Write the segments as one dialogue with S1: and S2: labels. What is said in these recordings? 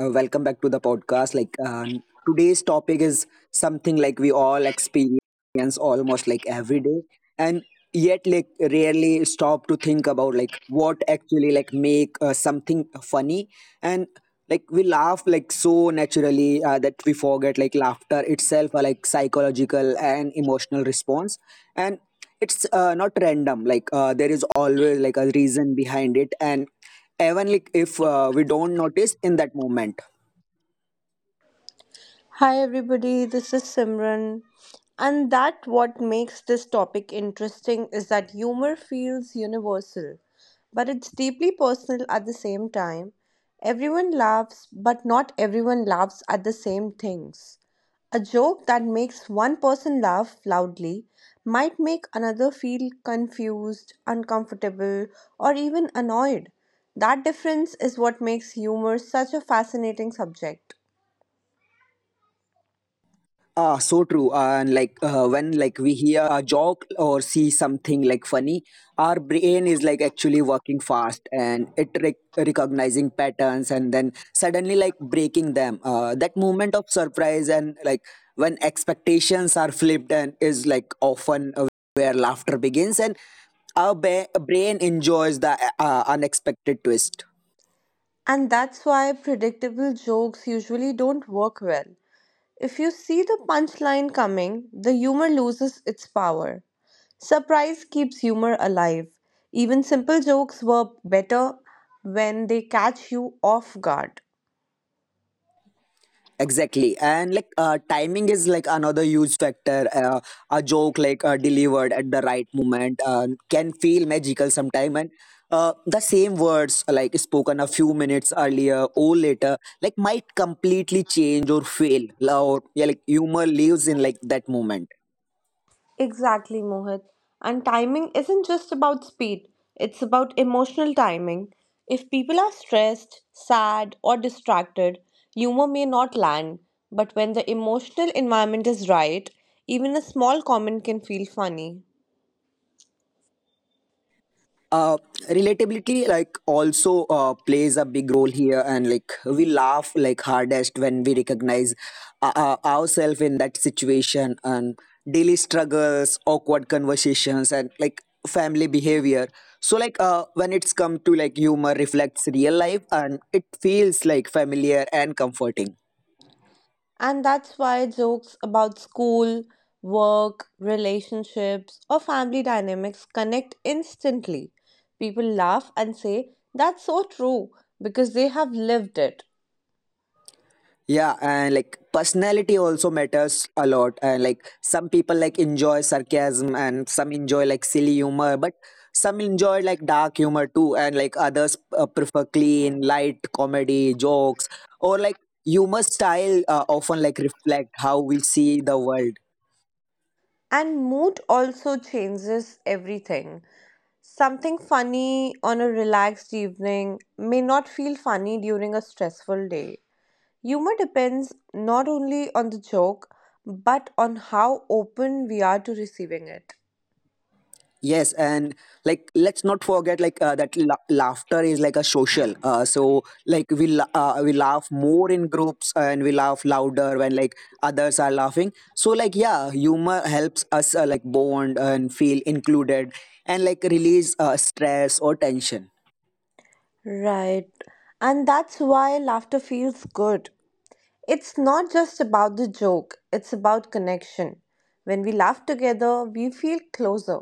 S1: Welcome back to the podcast. Today's topic is something we all experience almost every day and yet rarely stop to think about what actually make something funny and we laugh so naturally that we forget laughter itself are like psychological and emotional response, and it's not random. There is always a reason behind it, and even if we don't notice in that moment.
S2: Hi everybody, this is Simran. And that what makes this topic interesting is that humor feels universal, but it's deeply personal at the same time. Everyone laughs, but not everyone laughs at the same things. A joke that makes one person laugh loudly might make another feel confused, uncomfortable, or even annoyed. That difference is what makes humor such a fascinating subject.
S1: Ah, so true. And when we hear a joke or see something funny, our brain is actually working fast, and it recognizing patterns and then suddenly breaking them. That moment of surprise, and when expectations are flipped, and is often where laughter begins, and our brain enjoys the unexpected twist.
S2: And that's why predictable jokes usually don't work well. If you see the punchline coming, the humor loses its power. Surprise keeps humor alive. Even simple jokes work better when they catch you off guard.
S1: Exactly. And timing is another huge factor. A joke delivered at the right moment can feel magical sometime. And the same words spoken a few minutes earlier or later might completely change or fail. Or yeah, humor lives in that moment.
S2: Exactly, Mohit. And timing isn't just about speed, it's about emotional timing. If people are stressed, sad, or distracted, humor may not land. But when the emotional environment is right, even a small comment can feel funny.
S1: uh, Relatability also plays a big role here, and we laugh hardest when we recognize ourselves in that situation, and daily struggles, awkward conversations, and family behavior. So when it's come to humor reflects real life, and it feels familiar and comforting.
S2: And that's why jokes about school, work, relationships, or family dynamics connect instantly. People laugh and say, "That's so true," because they have lived it.
S1: Yeah, and personality also matters a lot. And some people enjoy sarcasm, and some enjoy silly humor, but some enjoy dark humor too. And others prefer clean, light comedy, jokes, or humor style often reflect how we see the world.
S2: And mood also changes everything. Something funny on a relaxed evening may not feel funny during a stressful day. Humor depends not only on the joke, but on how open we are to receiving it.
S1: Yes, and let's not forget that laughter is a social. So we we laugh more in groups, and we laugh louder when others are laughing. So yeah, humor helps us bond and feel included, and release stress or tension.
S2: Right. And that's why laughter feels good. It's not just about the joke, it's about connection. When we laugh together, we feel closer.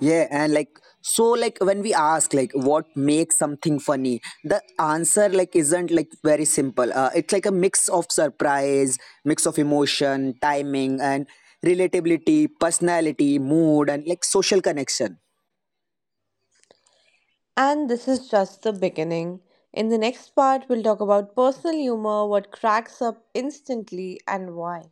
S1: Yeah, and so when we ask what makes something funny, the answer isn't very simple. It's a mix of surprise, mix of emotion, timing and relatability, personality, mood and social connection.
S2: And this is just the beginning. In the next part, we'll talk about personal humor, what cracks up instantly, and why.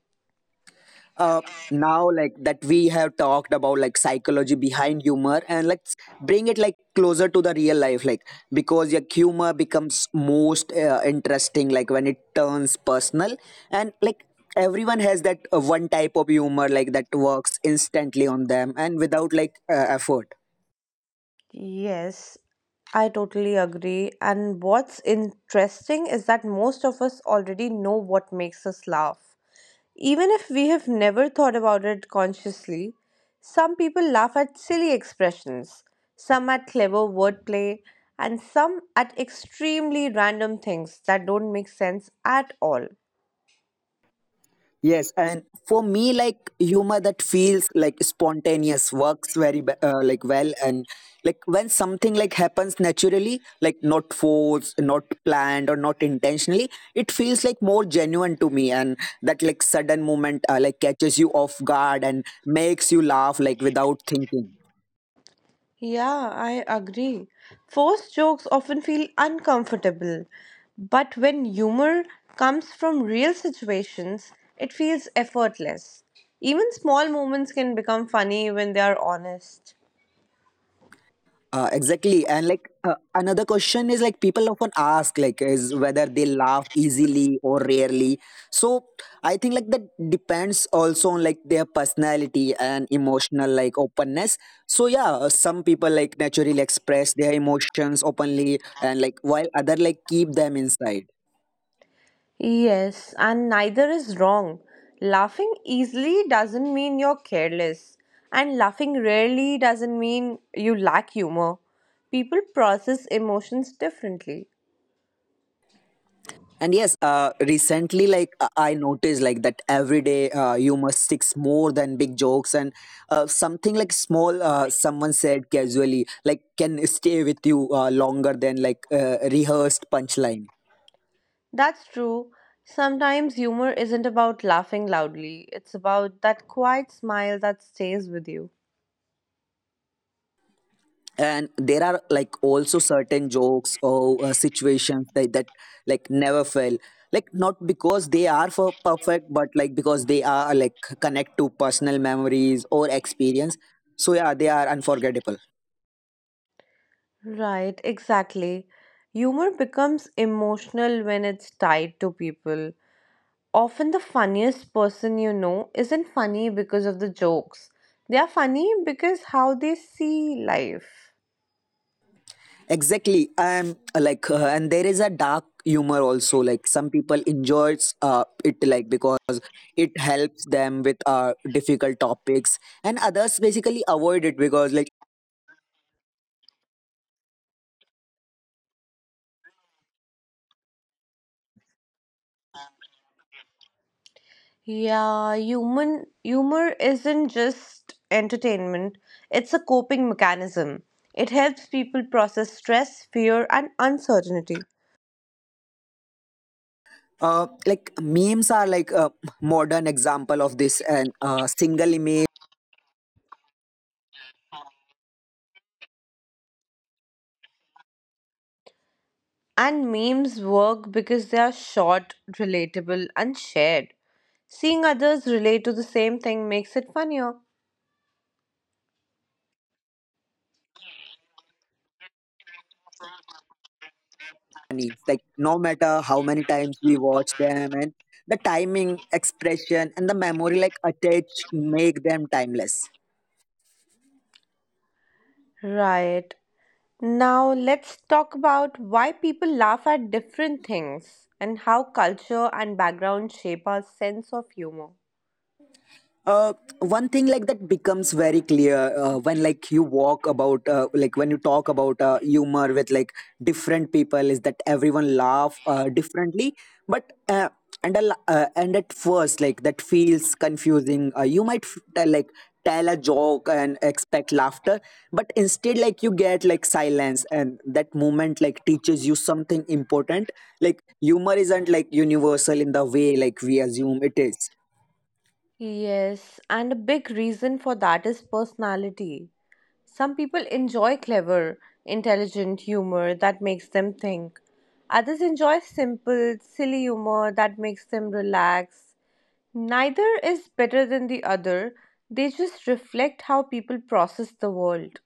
S1: uh, Now that we have talked about psychology behind humor, and let's bring it closer to the real life because your humor becomes most interesting when it turns personal, and everyone has that one type of humor that works instantly on them and without effort.
S2: Yes, I totally agree. And what's interesting is that most of us already know what makes us laugh. Even if we have never thought about it consciously, some people laugh at silly expressions, some at clever wordplay, and some at extremely random things that don't make sense at all.
S1: Yes, and for me, humor that feels spontaneous works very well, and when something happens naturally, not forced, not planned, or not intentionally, it feels more genuine to me, and that sudden moment catches you off guard and makes you laugh without thinking.
S2: Yeah, I agree. Forced jokes often feel uncomfortable, but when humor comes from real situations, it feels effortless. Even small moments can become funny when they are honest.
S1: Exactly. And another question is people often ask is whether they laugh easily or rarely. So I think that depends also on their personality and emotional openness. So yeah, some people naturally express their emotions openly, and while other keep them inside.
S2: Yes, and neither is wrong. Laughing easily doesn't mean you're careless, and laughing rarely doesn't mean you lack humor. People process emotions differently.
S1: And yes, recently, I noticed, that every day you must sticks more than big jokes, and something small someone said casually, can stay with you longer than rehearsed punchline.
S2: That's true. Sometimes humor isn't about laughing loudly, it's about that quiet smile that stays with you.
S1: And there are also certain jokes or situations that never fail, not because they are for perfect, but because they are connect to personal memories or experience. So yeah, they are unforgettable.
S2: Right, exactly. Humor becomes emotional when it's tied to people. Often, the funniest person you know isn't funny because of the jokes, they are funny because how they see life.
S1: Exactly. I'm like, and there is a dark humor also. Some people enjoys it, because it helps them with difficult topics, and others basically avoid it because
S2: Yeah, human humor isn't just entertainment, it's a coping mechanism. It helps people process stress, fear, and uncertainty.
S1: memes are a modern example of this, and single image
S2: And memes work because they are short, relatable, and shared. Seeing others relate to the same thing makes it funnier.
S1: needs. No matter how many times we watch them, and the timing, expression and the memory attached make them timeless.
S2: Right. Now let's talk about why people laugh at different things and how culture and background shape our sense of humor.
S1: uh, One thing that becomes very clear when you walk about like when you talk about humor with different people is that everyone laugh differently but and a and at first that feels confusing. You might tell, tell a joke and expect laughter but instead you get silence, and that moment teaches you something important. Humor isn't universal in the way we assume it is.
S2: Yes, and a big reason for that is personality. Some people enjoy clever, intelligent humor that makes them think. Others enjoy simple, silly humor that makes them relax. Neither is better than the other, they just reflect how people process the world.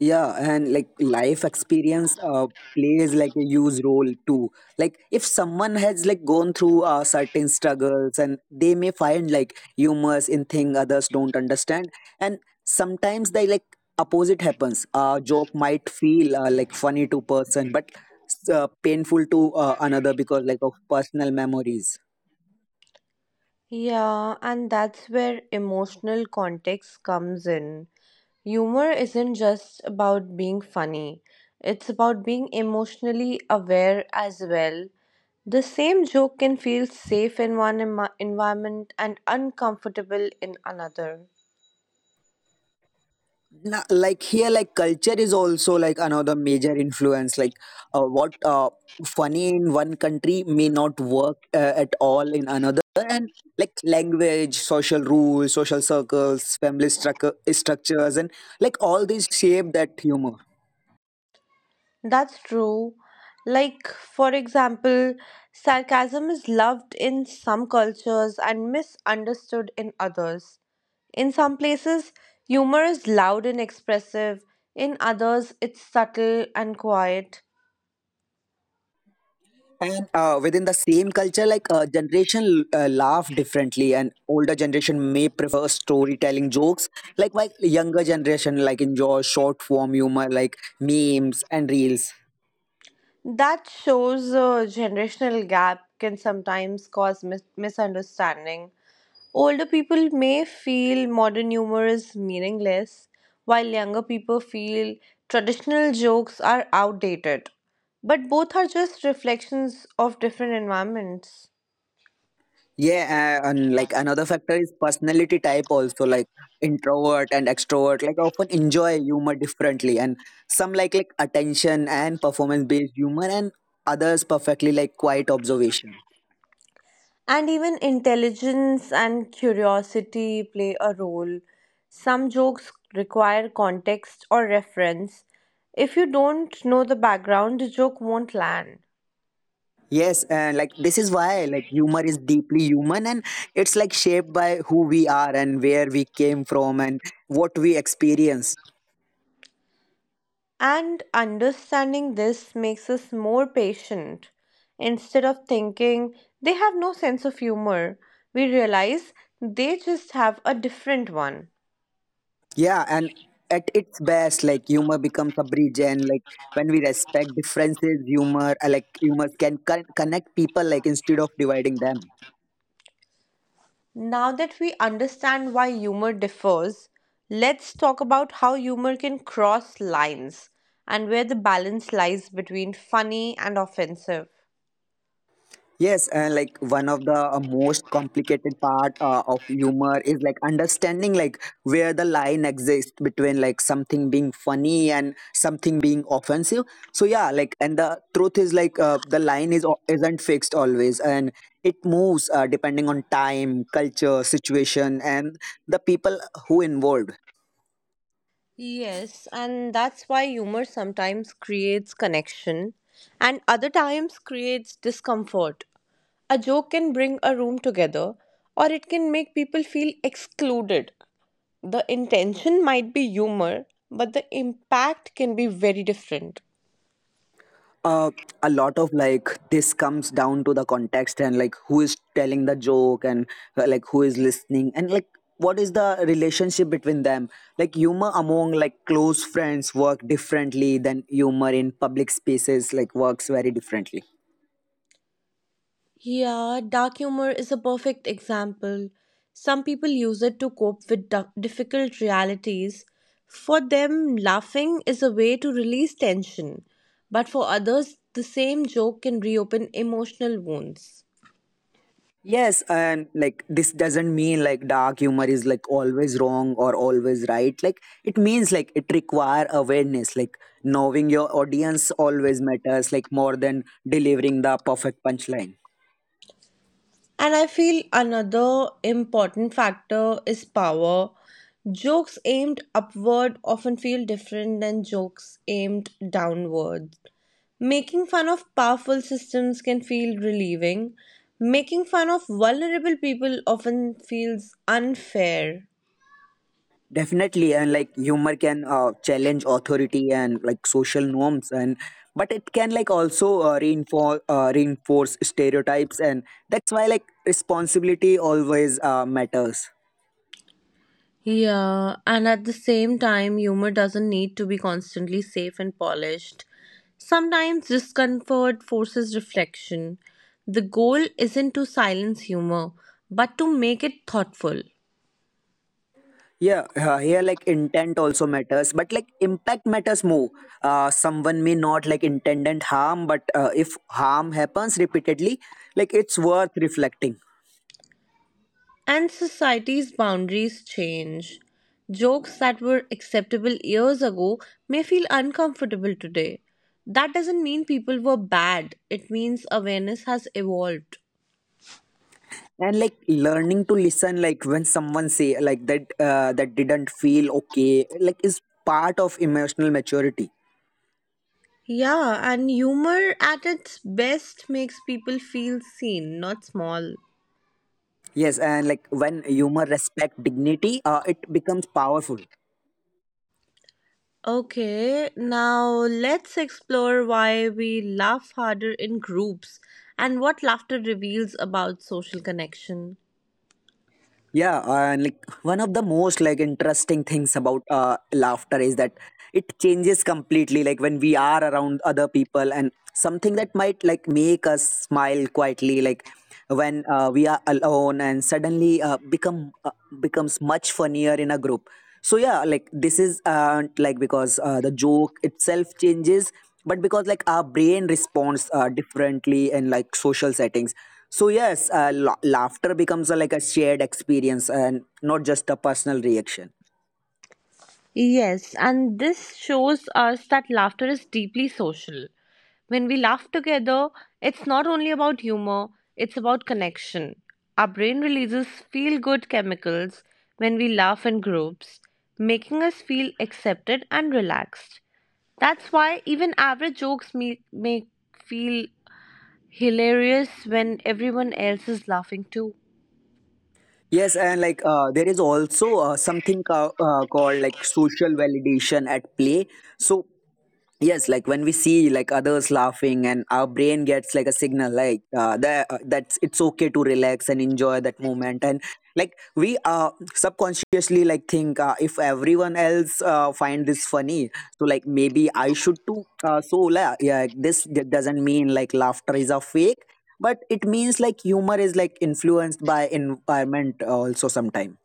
S1: Yeah, and life experience plays a huge role too. If someone has gone through certain struggles, and they may find humors in thing others don't understand, and sometimes they opposite happens. A joke might feel funny to person, but painful to another because of personal memories.
S2: Yeah, and that's where emotional context comes in. Humor isn't just about being funny, it's about being emotionally aware as well. The same joke can feel safe in one environment and uncomfortable in another.
S1: Here culture is also another major influence. What funny in one country may not work at all in another, and language, social rules, social circles, family structures and all these shape that humor.
S2: That's true. Like, for example, sarcasm is loved in some cultures and misunderstood in others. In some places, humor is loud and expressive, in others, it's subtle and quiet.
S1: And within the same culture generation laugh differently, and older generation may prefer storytelling jokes while younger generation enjoy short form humor memes and reels.
S2: That shows a generational gap can sometimes cause misunderstanding. Older people may feel modern humor is meaningless, while younger people feel traditional jokes are outdated. But both are just reflections of different environments.
S1: Yeah, and another factor is personality type also. Introvert and extrovert often enjoy humor differently, and some like attention and performance based humor, and others perfectly quiet observation.
S2: And even intelligence and curiosity play a role. Some jokes require context or reference. If you don't know the background, the joke won't land.
S1: Yes, and this is why humor is deeply human, and it's shaped by who we are and where we came from and what we experience.
S2: And understanding this makes us more patient. Instead of thinking they have no sense of humor, we realize they just have a different one.
S1: Yeah, and at its best, humor becomes a bridge, and when we respect differences, humor, humor can connect people, instead of dividing them.
S2: Now that we understand why humor differs, let's talk about how humor can cross lines and where the balance lies between funny and offensive.
S1: Yes, and one of the most complicated part of humor is understanding where the line exists between something being funny and something being offensive. So yeah, and the truth is the line is isn't fixed always, and it moves depending on time, culture, situation, and the people who involved.
S2: Yes, and that's why humor sometimes creates connection and other times creates discomfort. A joke can bring a room together or it can make people feel excluded. The intention might be humor, but the impact can be very different.
S1: Uh, a lot of this comes down to the context, and who is telling the joke and who is listening, and what is the relationship between them. Humor among close friends work differently than humor in public spaces works very differently.
S2: Yeah, dark humor is a perfect example. Some people use it to cope with difficult realities. For them, laughing is a way to release tension. But for others, the same joke can reopen emotional wounds.
S1: Yes, and this doesn't mean dark humor is always wrong or always right. It means it require awareness, knowing your audience always matters more than delivering the perfect punchline.
S2: And I feel another important factor is power. Jokes aimed upward often feel different than jokes aimed downward. Making fun of powerful systems can feel relieving. Making fun of vulnerable people often feels unfair.
S1: Definitely, and humor can challenge authority and social norms, and but it can also reinforce stereotypes, and that's why responsibility always matters.
S2: Yeah, and at the same time, humor doesn't need to be constantly safe and polished. Sometimes discomfort forces reflection. The goal isn't to silence humor, but to make it thoughtful.
S1: Yeah, here intent also matters, but impact matters more. Someone may not intended harm, but if harm happens repeatedly, it's worth reflecting,
S2: And society's boundaries change. Jokes that were acceptable years ago may feel uncomfortable today. That doesn't mean people were bad, it means awareness has evolved.
S1: and learning to listen when someone say that that didn't feel okay is part of emotional maturity.
S2: Yeah, and humor at its best makes people feel seen, not small.
S1: Yes, and when humor respect dignity, it becomes powerful.
S2: Okay, now let's explore why we laugh harder in groups and what laughter reveals about social connection.
S1: Yeah, and one of the most interesting things about laughter is that it changes completely when we are around other people, and something that might make us smile quietly when we are alone and suddenly becomes much funnier in a group. So yeah, this is like because the joke itself changes, but because our brain responds differently in social settings. So yes, laughter becomes a, a shared experience and not just a personal reaction.
S2: Yes, and this shows us that laughter is deeply social. When we laugh together, it's not only about humor, it's about connection. Our brain releases feel good chemicals when we laugh in groups, making us feel accepted and relaxed. That's why even average jokes make feel hilarious when everyone else is laughing too.
S1: Yes, and there is also something called social validation at play. So yes, when we see others laughing, and our brain gets a signal that that's it's okay to relax and enjoy that moment. And we subconsciously think if everyone else find this funny, so maybe I should too. Yeah, this doesn't mean like laughter is a fake, but it means like humor is like influenced by environment also sometime.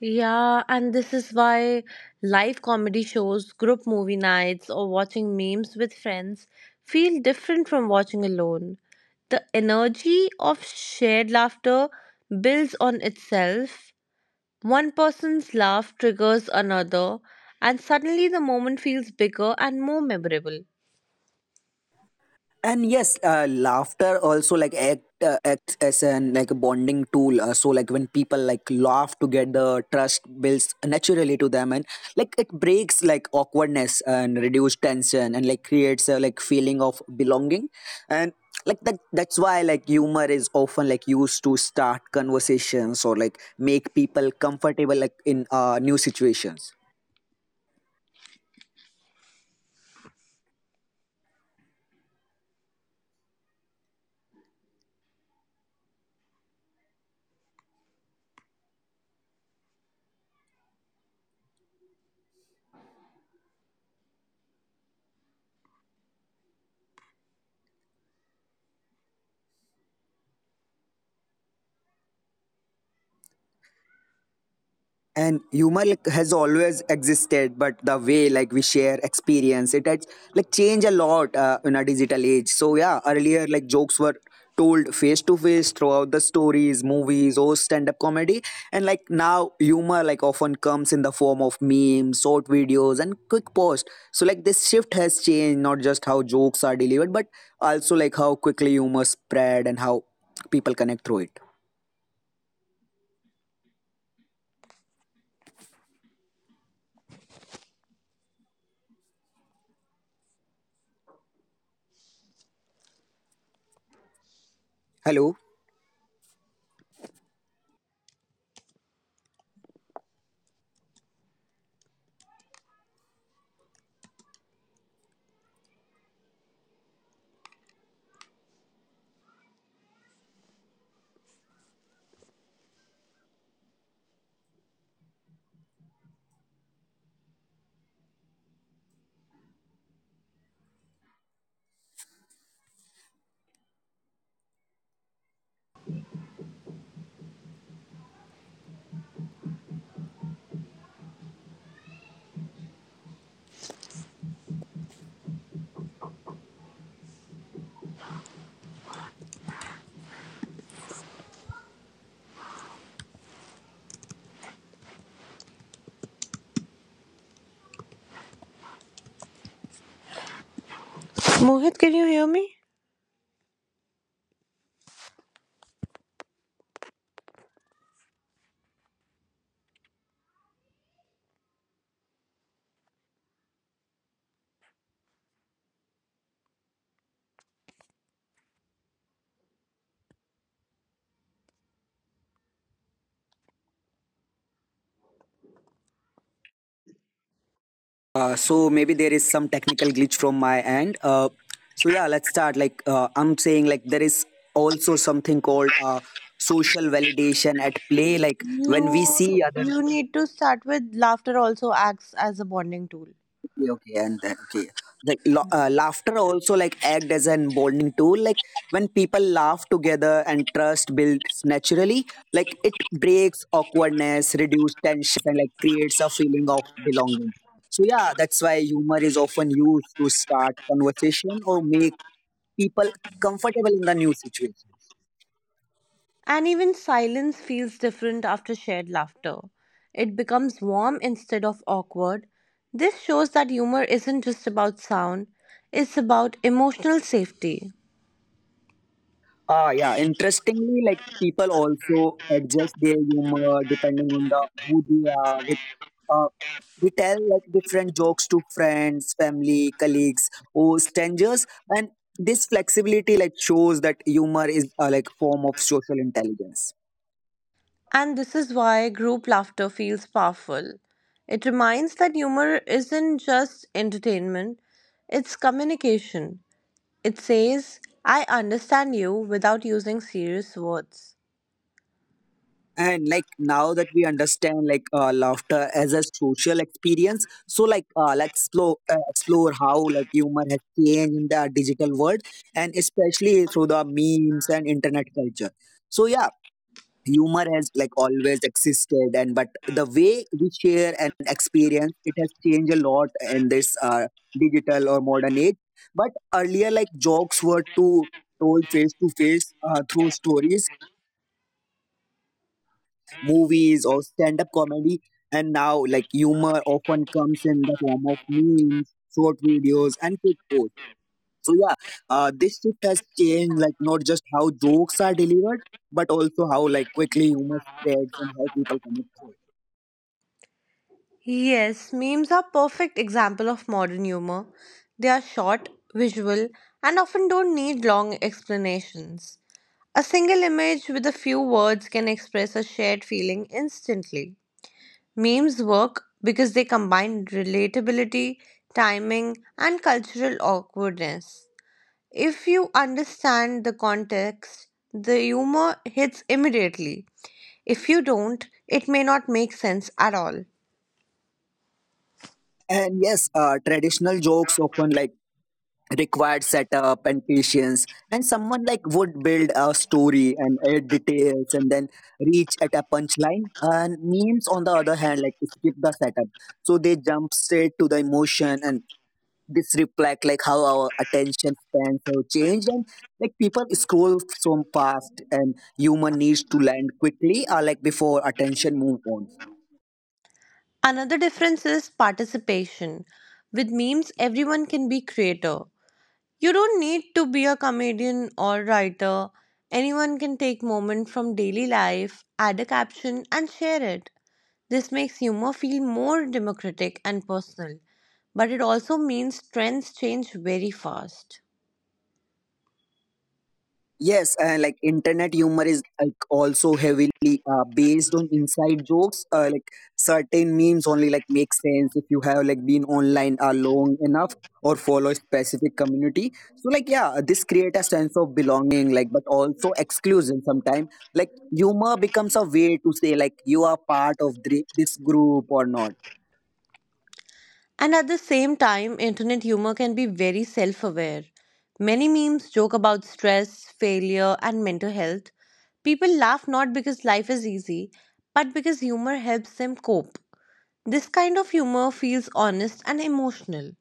S2: Yeah, and this is why live comedy shows, group movie nights, or watching memes with friends feel different from watching alone. The energy of shared laughter builds on itself. One person's laugh triggers another, and suddenly the moment feels bigger and more memorable.
S1: And yes, laughter also like acts as an like a bonding tool, so like when people like laugh together, trust builds naturally to them, and like it breaks like awkwardness and reduce tension, and like creates a like feeling of belonging, and like that's why like humor is often like used to start conversations or like make people comfortable like in new situations. And humor like has always existed, but the way like we share experience it has like changed a lot in a digital age. So yeah, earlier like jokes were told face to face throughout the stories, movies, or stand up comedy, and like now humor like often comes in the form of memes, short videos, and quick post. So like this shift has changed not just how jokes are delivered but also like how quickly humor spread and how people connect through it. Hello.
S3: Mohit, can you hear me?
S1: So maybe there is some technical glitch from my end. So yeah, let's start. Like I'm saying, like there is also something called social validation at play. Like when we
S3: You
S1: see other.
S3: you need to start with laughter also acts as a bonding tool.
S1: Okay, okay, and that okay. Like laughter also like act as an bonding tool. Like when people laugh together and trust builds naturally. Like it breaks awkwardness, reduces tensions, and like creates a feeling of belonging. So yeah, that's why humor is often used to start conversation or make people comfortable in the new situation.
S3: And even silence feels different after shared laughter. It becomes warm instead of awkward. This shows that humor isn't just about sound, it's about emotional safety.
S1: Ah, yeah. Interestingly, like people also adjust their humor depending on the who they are with. Uh, we tell like different jokes to friends, family, colleagues, or strangers, and this flexibility like shows that humor is like form of social intelligence.
S3: And this is why group laughter feels powerful. It reminds that humor isn't just entertainment, it's communication. It says, I understand you without using serious words.
S1: And like now that we understand like laughter as a social experience, so like let's explore how like humor has changed in the digital world, and especially through the memes and internet culture. So yeah, humor has like always existed, and but the way we share and experience it has changed a lot in this digital or modern age. But earlier like jokes were too told face to face through stories, movies, or stand up comedy, and now like humor often comes in the form of memes, short videos, and quick posts. So yeah, this shift has changed like not just how jokes are delivered but also how like quickly humor spreads and how people connect to it.
S3: Yes, memes are perfect example of modern humor. They are short, visual, and often don't need long explanations. A single image with a few words can express a shared feeling instantly. Memes work because they combine relatability, timing, and cultural awkwardness. If you understand the context, the humor hits immediately. If you don't, it may not make sense at all.
S1: And yes, traditional jokes often like required setup and patience, and someone like would build a story and add details and then reach at a punchline. And memes, on the other hand, like skip the setup, so they jump straight to the emotion. And this reflect like how our attention spans have changed, and like people scroll so fast and human needs to land quickly, or like before attention move on.
S3: Another difference is participation. With memes, everyone can be creator. You don't need to be a comedian or writer. Anyone can take moment from daily life, add a caption and share it. This makes humor feel more democratic and personal, but it also means trends change very fast.
S1: Yes, like internet humor is like also heavily based on inside jokes. Like certain memes only like make sense if you have like been online long enough or follow a specific community. So like yeah, this create a sense of belonging, like but also exclusion. Sometimes like humor becomes a way to say like you are part of this group or not.
S3: And at the same time, internet humor can be very self aware. Many memes joke about stress, failure, and mental health. People laugh not because life is easy, but because humor helps them cope. This kind of humor feels honest and emotional.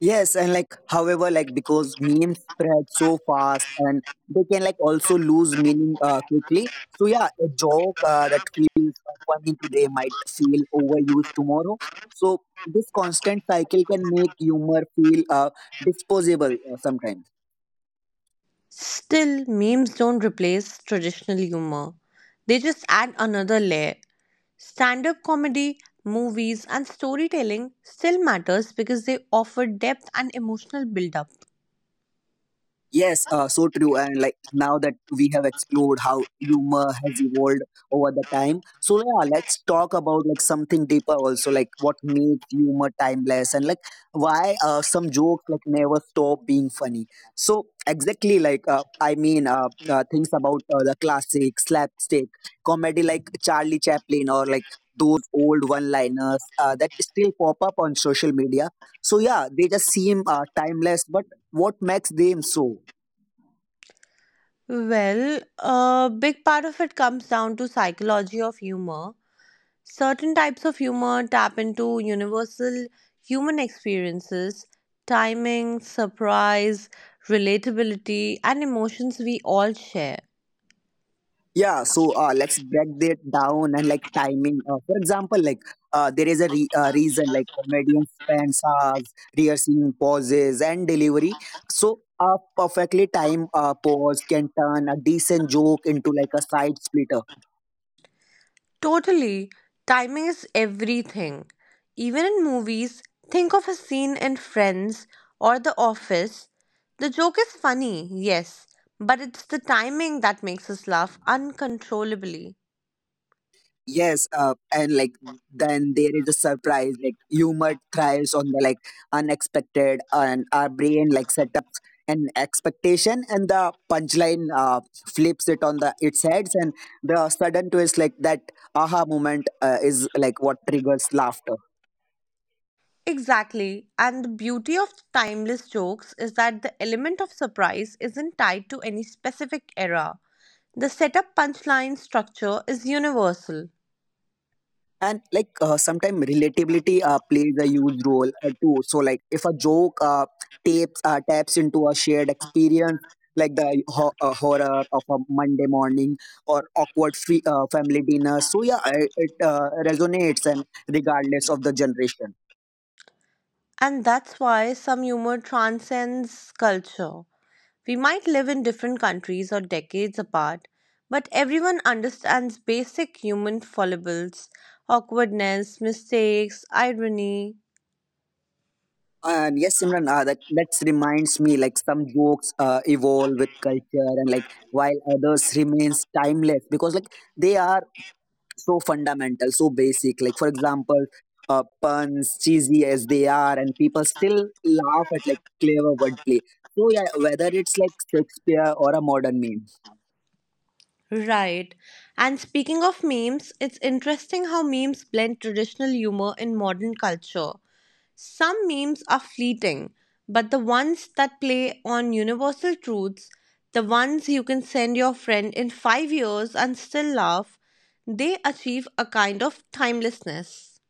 S1: Yes, and like, however, like because memes spread so fast, and they can like also lose meaning quickly. So yeah, a joke that feels funny today might feel overused tomorrow. So this constant cycle can make humor feel disposable sometimes.
S3: Still, memes don't replace traditional humor, they just add another layer. Stand up comedy, movies, and storytelling still matters because they offer depth and emotional build up.
S1: Yes, so true. And like now that we have explored how humor has evolved over the time, so yeah, let's talk about like something deeper also, like what makes humor timeless and like why some jokes like never stop being funny. So exactly, like I mean, things about the classic slapstick comedy like Charlie Chaplin or like those old one-liners that still pop up on social media. So yeah, they just seem timeless, but what makes them so
S3: Well, a big part of it comes down to psychology of humor. Certain types of humor tap into universal human experiences, timing, surprise, relatability, and emotions we all share.
S1: yeah so let's break that down. And like timing for example like there is a reason like comedians spend hours rehearsing pauses and delivery. So a perfectly timed pause can turn a decent joke into like a side splitter.
S3: Totally, timing is everything. Even in movies, think of a scene in Friends or The Office. The joke is funny, yes, but it's the timing that makes us laugh uncontrollably.
S1: Yes, and like then there is a surprise. Like humor thrives on the like unexpected, and our brain like set up an expectation, and the punchline flips it on the its heads, and the sudden twist like that aha moment is like what triggers laughter.
S3: Exactly. And the beauty of timeless jokes is that the element of surprise isn't tied to any specific era. The setup punchline structure is universal.
S1: And like sometimes relatability plays a huge role too. So like if a joke tapes taps into a shared experience like the horror of a Monday morning or awkward family dinner, so yeah I, it resonates and regardless of the generation.
S3: And that's why some humor transcends culture. We might live in different countries or decades apart, but everyone understands basic human foibles, awkwardness, mistakes, irony.
S1: And yes, Simran, that's reminds me like some jokes evolve with culture and like while others remains timeless because like they are so fundamental, so basic. Like for example, puns, cheesy as they are, and people still laugh at like clever wordplay. So yeah, whether it's like Shakespeare or a modern meme,
S3: Right. And speaking of memes, it's interesting how memes blend traditional humor in modern culture. Some memes are fleeting, but the ones that play on universal truths, the ones you can send your friend in 5 years and still laugh, they achieve a kind of timelessness.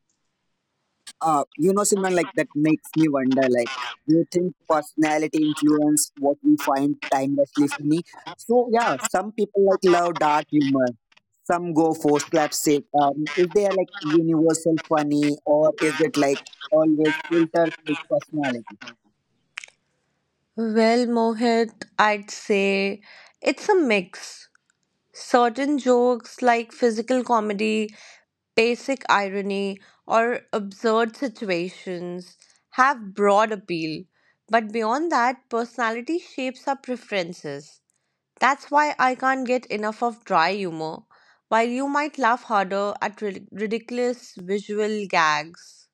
S1: you know, Simran, like that makes me wonder, like, do you think personality influence what we find timelessly funny? So yeah, some people like love dark humor. Some go for slapstick. Is there like universal funny, or is it like always filtered with personality?
S3: Well, Mohit, I'd say it's a mix. Certain jokes, like physical comedy, basic irony, or absurd situations, have broad appeal. But beyond that, personality shapes our preferences. That's why I can't get enough of dry humor, while you might laugh harder at ridiculous visual gags.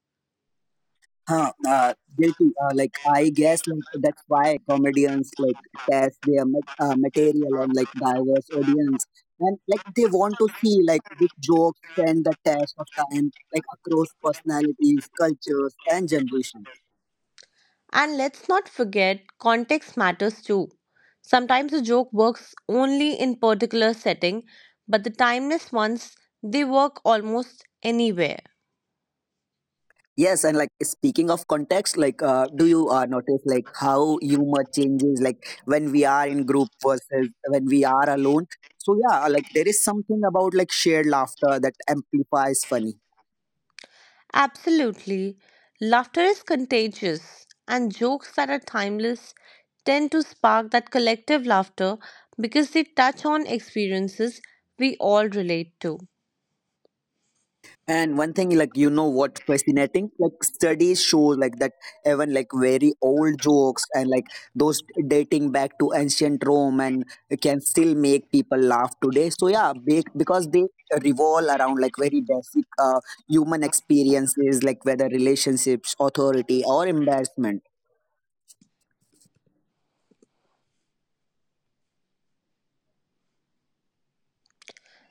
S1: Huh, guilty. Like I guess, like that's why comedians like test their material on like diverse audience, and like they want to see like which jokes stand the test of time, like across personalities, cultures, and generations.
S3: And let's not forget, context matters too. Sometimes a joke works only in particular setting, but the timeless ones, they work almost anywhere.
S1: Yes, and like speaking of context, like do you notice like how humor changes like when we are in group versus when we are alone? So yeah, like there is something about like shared laughter that amplifies funny.
S3: Absolutely. Laughter is contagious, and jokes that are timeless tend to spark that collective laughter because they touch on experiences we all relate to.
S1: And one thing, like you know, what fascinating, like studies show, like that even like very old jokes, and like those dating back to ancient Rome, and can still make people laugh today. So yeah, because they revolve around like very basic human experiences, like whether relationships, authority, or embarrassment.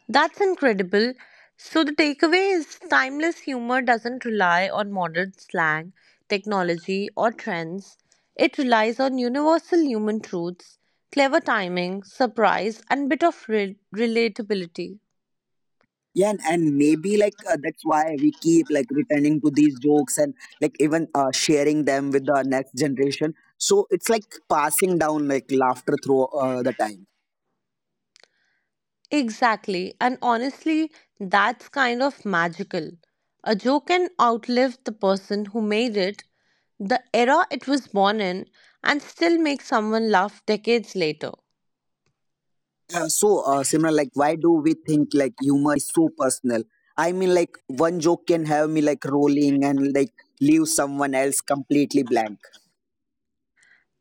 S3: That's incredible. So the takeaway is timeless humor doesn't rely on modern slang, technology, or trends. It relies on universal human truths, clever timing, surprise, and bit of relatability.
S1: Yeah, and maybe like that's why we keep like returning to these jokes and like even sharing them with the next generation. So it's like passing down like laughter through the time.
S3: Exactly, and honestly, that's kind of magical. A joke can outlive the person who made it, the era it was born in, and still make someone laugh decades later.
S1: So Simran, like why do we think like humor is so personal? I mean, like one joke can have me like rolling and like leave someone else completely blank.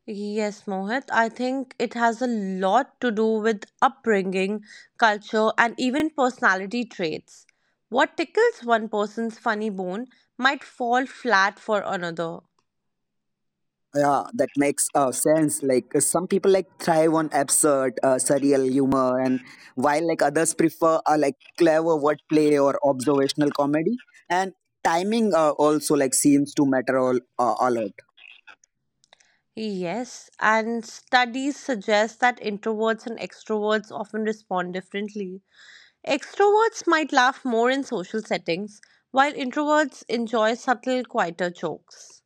S3: Yes, Mohit. I think it has a lot to do with upbringing, culture, and even personality traits. What tickles one person's funny bone might fall flat for another.
S1: Yeah, that makes sense. Like some people like thrive on absurd, surreal humor, and while like others prefer like clever wordplay or observational comedy. And timing also like seems to matter all, a lot.
S3: Yes, and studies suggest that introverts and extroverts often respond differently. Extroverts might laugh more in social settings, while introverts enjoy subtle, quieter jokes.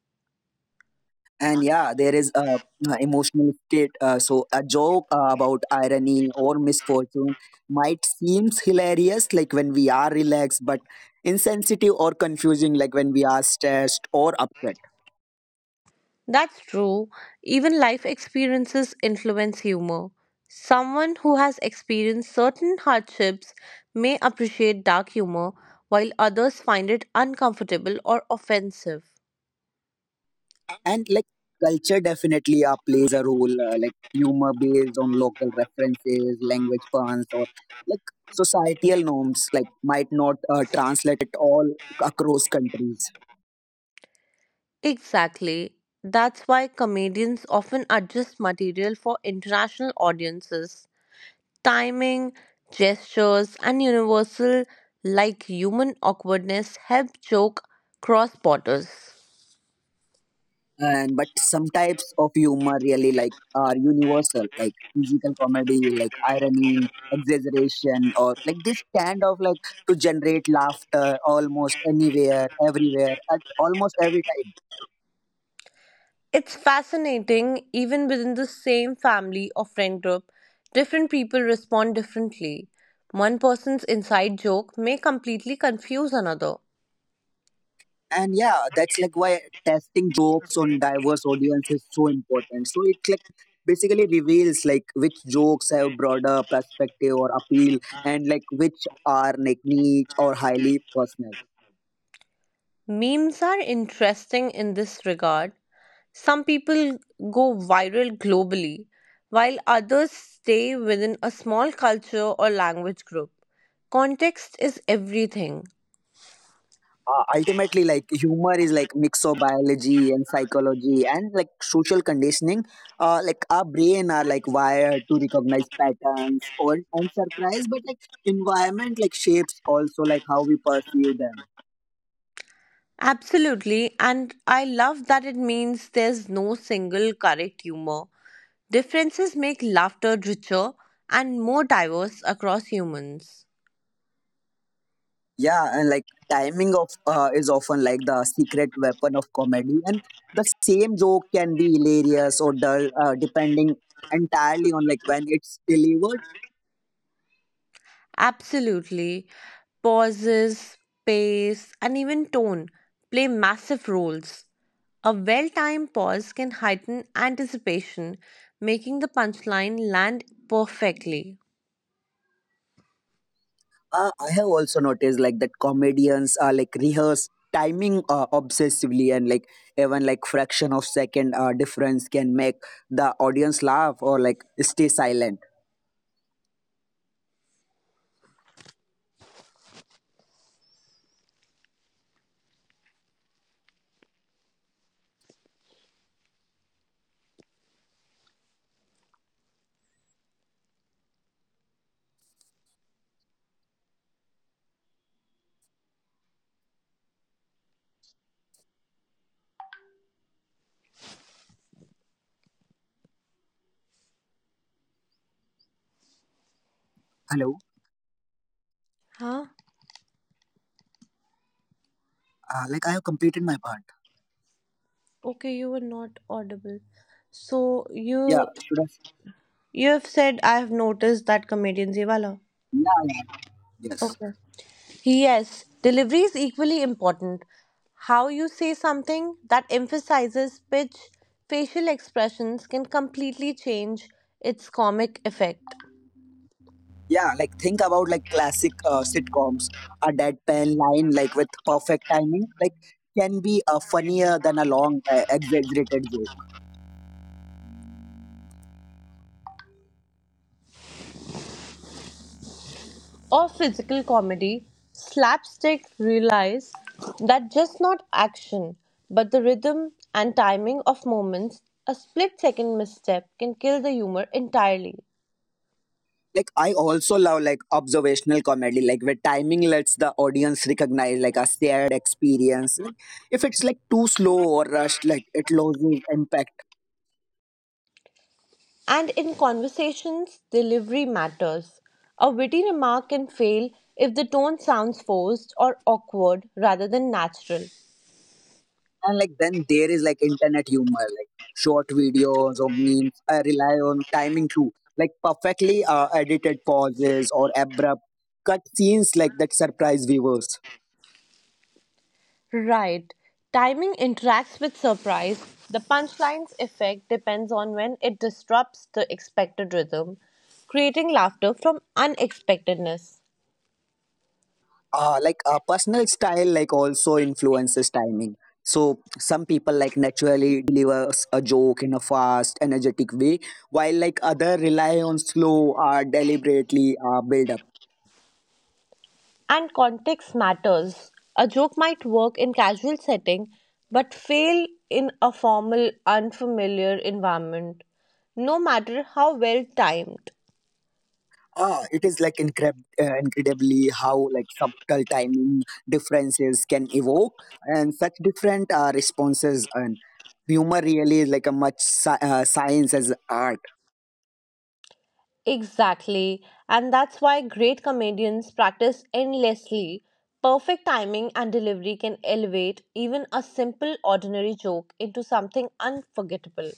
S1: And yeah, there is a emotional state, so a joke about irony or misfortune might seems hilarious like when we are relaxed, but insensitive or confusing like when we are stressed or upset.
S3: That's true. Even life experiences influence humor. Someone who has experienced certain hardships may appreciate dark humor, while others find it uncomfortable or offensive.
S1: And like culture definitely plays a role, like humor based on local references, language puns, or like societal norms like might not translate at all across countries.
S3: Exactly. That's why comedians often adjust material for international audiences. Timing, gestures, and universal like human awkwardness help joke cross borders.
S1: And but some types of humor really like are universal, like physical comedy, like irony, exaggeration, or like this kind of like to generate laughter almost anywhere, everywhere at almost every time.
S3: It's fascinating, even within the same family or friend group, different people respond differently. One person's inside joke may completely confuse another.
S1: And yeah, that's like why testing jokes on diverse audience is so important. So it like basically reveals like which jokes have broader perspective or appeal and like which are like niche or highly personal.
S3: Memes are interesting in this regard. Some people go viral globally, while others stay within a small culture or language group. Context is everything.
S1: Ultimately like humor is like mix of biology and psychology and like social conditioning, like our brain are like wired to recognize patterns or and surprise, but like environment like shapes also like how we perceive them.
S3: Absolutely, and I love that it means there's no single correct humor. Differences make laughter richer and more diverse across humans.
S1: Yeah, and like timing of is often like the secret weapon of comedy, and the same joke can be hilarious or dull, depending entirely on like when it's delivered.
S3: Absolutely. Pauses, pace, and even tone play massive roles. A well timed pause can heighten anticipation, making the punchline land perfectly.
S1: I have also noticed like that comedians are like rehearse timing obsessively, and like even like fraction of second difference can make the audience laugh or like stay silent. Hello.
S3: Huh?
S1: Like I have completed my part.
S3: Okay, you were not audible. So
S1: Yeah,
S3: you
S1: should I?
S3: you have said I have noticed that comedians ye wala.
S1: Yeah, yeah, yes,
S3: Okay. Yes, delivery is equally important. How you say something that emphasizes pitch, facial expressions can completely change its comic effect.
S1: yeah. Like think about like classic sitcoms. A deadpan line like with perfect timing, like can be funnier than a long exaggerated joke.
S3: Or physical comedy, slapstick relies that just not action, but the rhythm and timing of moments. A split second misstep can kill the humor entirely.
S1: Like I also love like observational comedy, like where timing lets the audience recognize like a shared experience. Like if it's like too slow or rushed, like it loses impact.
S3: And in conversations, delivery matters. A witty remark can fail if the tone sounds forced or awkward rather than natural.
S1: And like then there is like internet humor, like short videos or memes. I rely on timing too, like perfectly edited pauses or abrupt cut scenes like that surprise viewers.
S3: Right. Timing interacts with surprise. The punchline's effect depends on when it disrupts the expected rhythm, creating laughter from unexpectedness.
S1: Like a personal style like also influences timing, so some people like naturally delivers a joke in a fast energetic way, while like other rely on slow deliberately build up.
S3: And context matters. A joke might work in casual setting but fail in a formal unfamiliar environment no matter how well timed.
S1: Ah, it is like incredibly how like subtle timing differences can evoke and such different responses, and humor really is like a much science as art.
S3: Exactly. And that's why great comedians practice endlessly. Perfect timing and delivery can elevate even a simple ordinary joke into something unforgettable.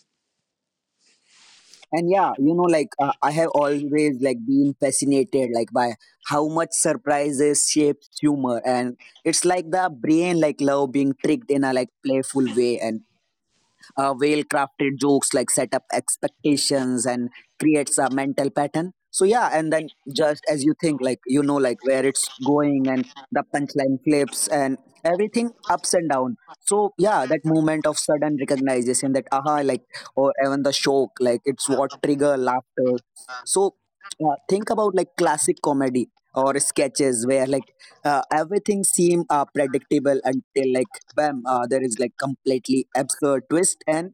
S1: And yeah, I have always like been fascinated like by how much surprises shapes humor, and it's like the brain like love being tricked in a like playful way. And well crafted jokes like set up expectations and creates a mental pattern. So yeah, and then just as you think like you know like where it's going, and the punchline flips and everything ups and down. So yeah, that moment of sudden recognition, that aha, like, or even the shock, like it's what trigger laughter. So think about like classic comedy or sketches where like everything seemed predictable until like bam, there is like completely absurd twist. And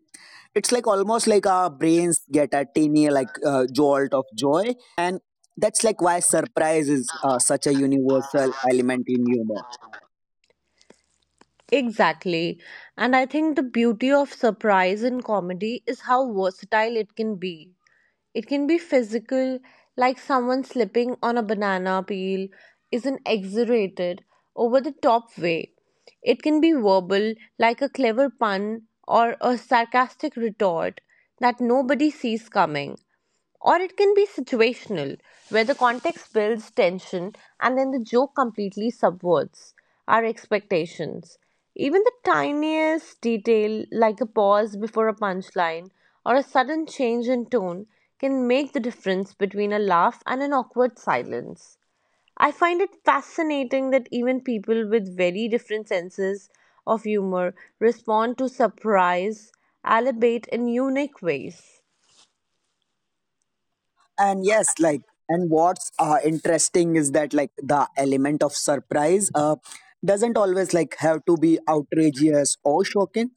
S1: it's like almost like our brains get a teeny like jolt of joy, and that's like why surprise is such a universal element in humor.
S3: Exactly. And I think the beauty of surprise in comedy is how versatile it can be. It can be physical, like someone slipping on a banana peel, is an exaggerated, over the top way. It can be verbal, like a clever pun or a sarcastic retort that nobody sees coming. Or it can be situational, where the context builds tension and then the joke completely subverts our expectations. Even the tiniest detail, like a pause before a punchline or a sudden change in tone, can make the difference between a laugh and an awkward silence. I find it fascinating that even people with very different senses of humor respond to surprise, albeit in unique ways.
S1: And yes, like, and what's interesting is that like the element of surprise doesn't always like have to be outrageous or shocking.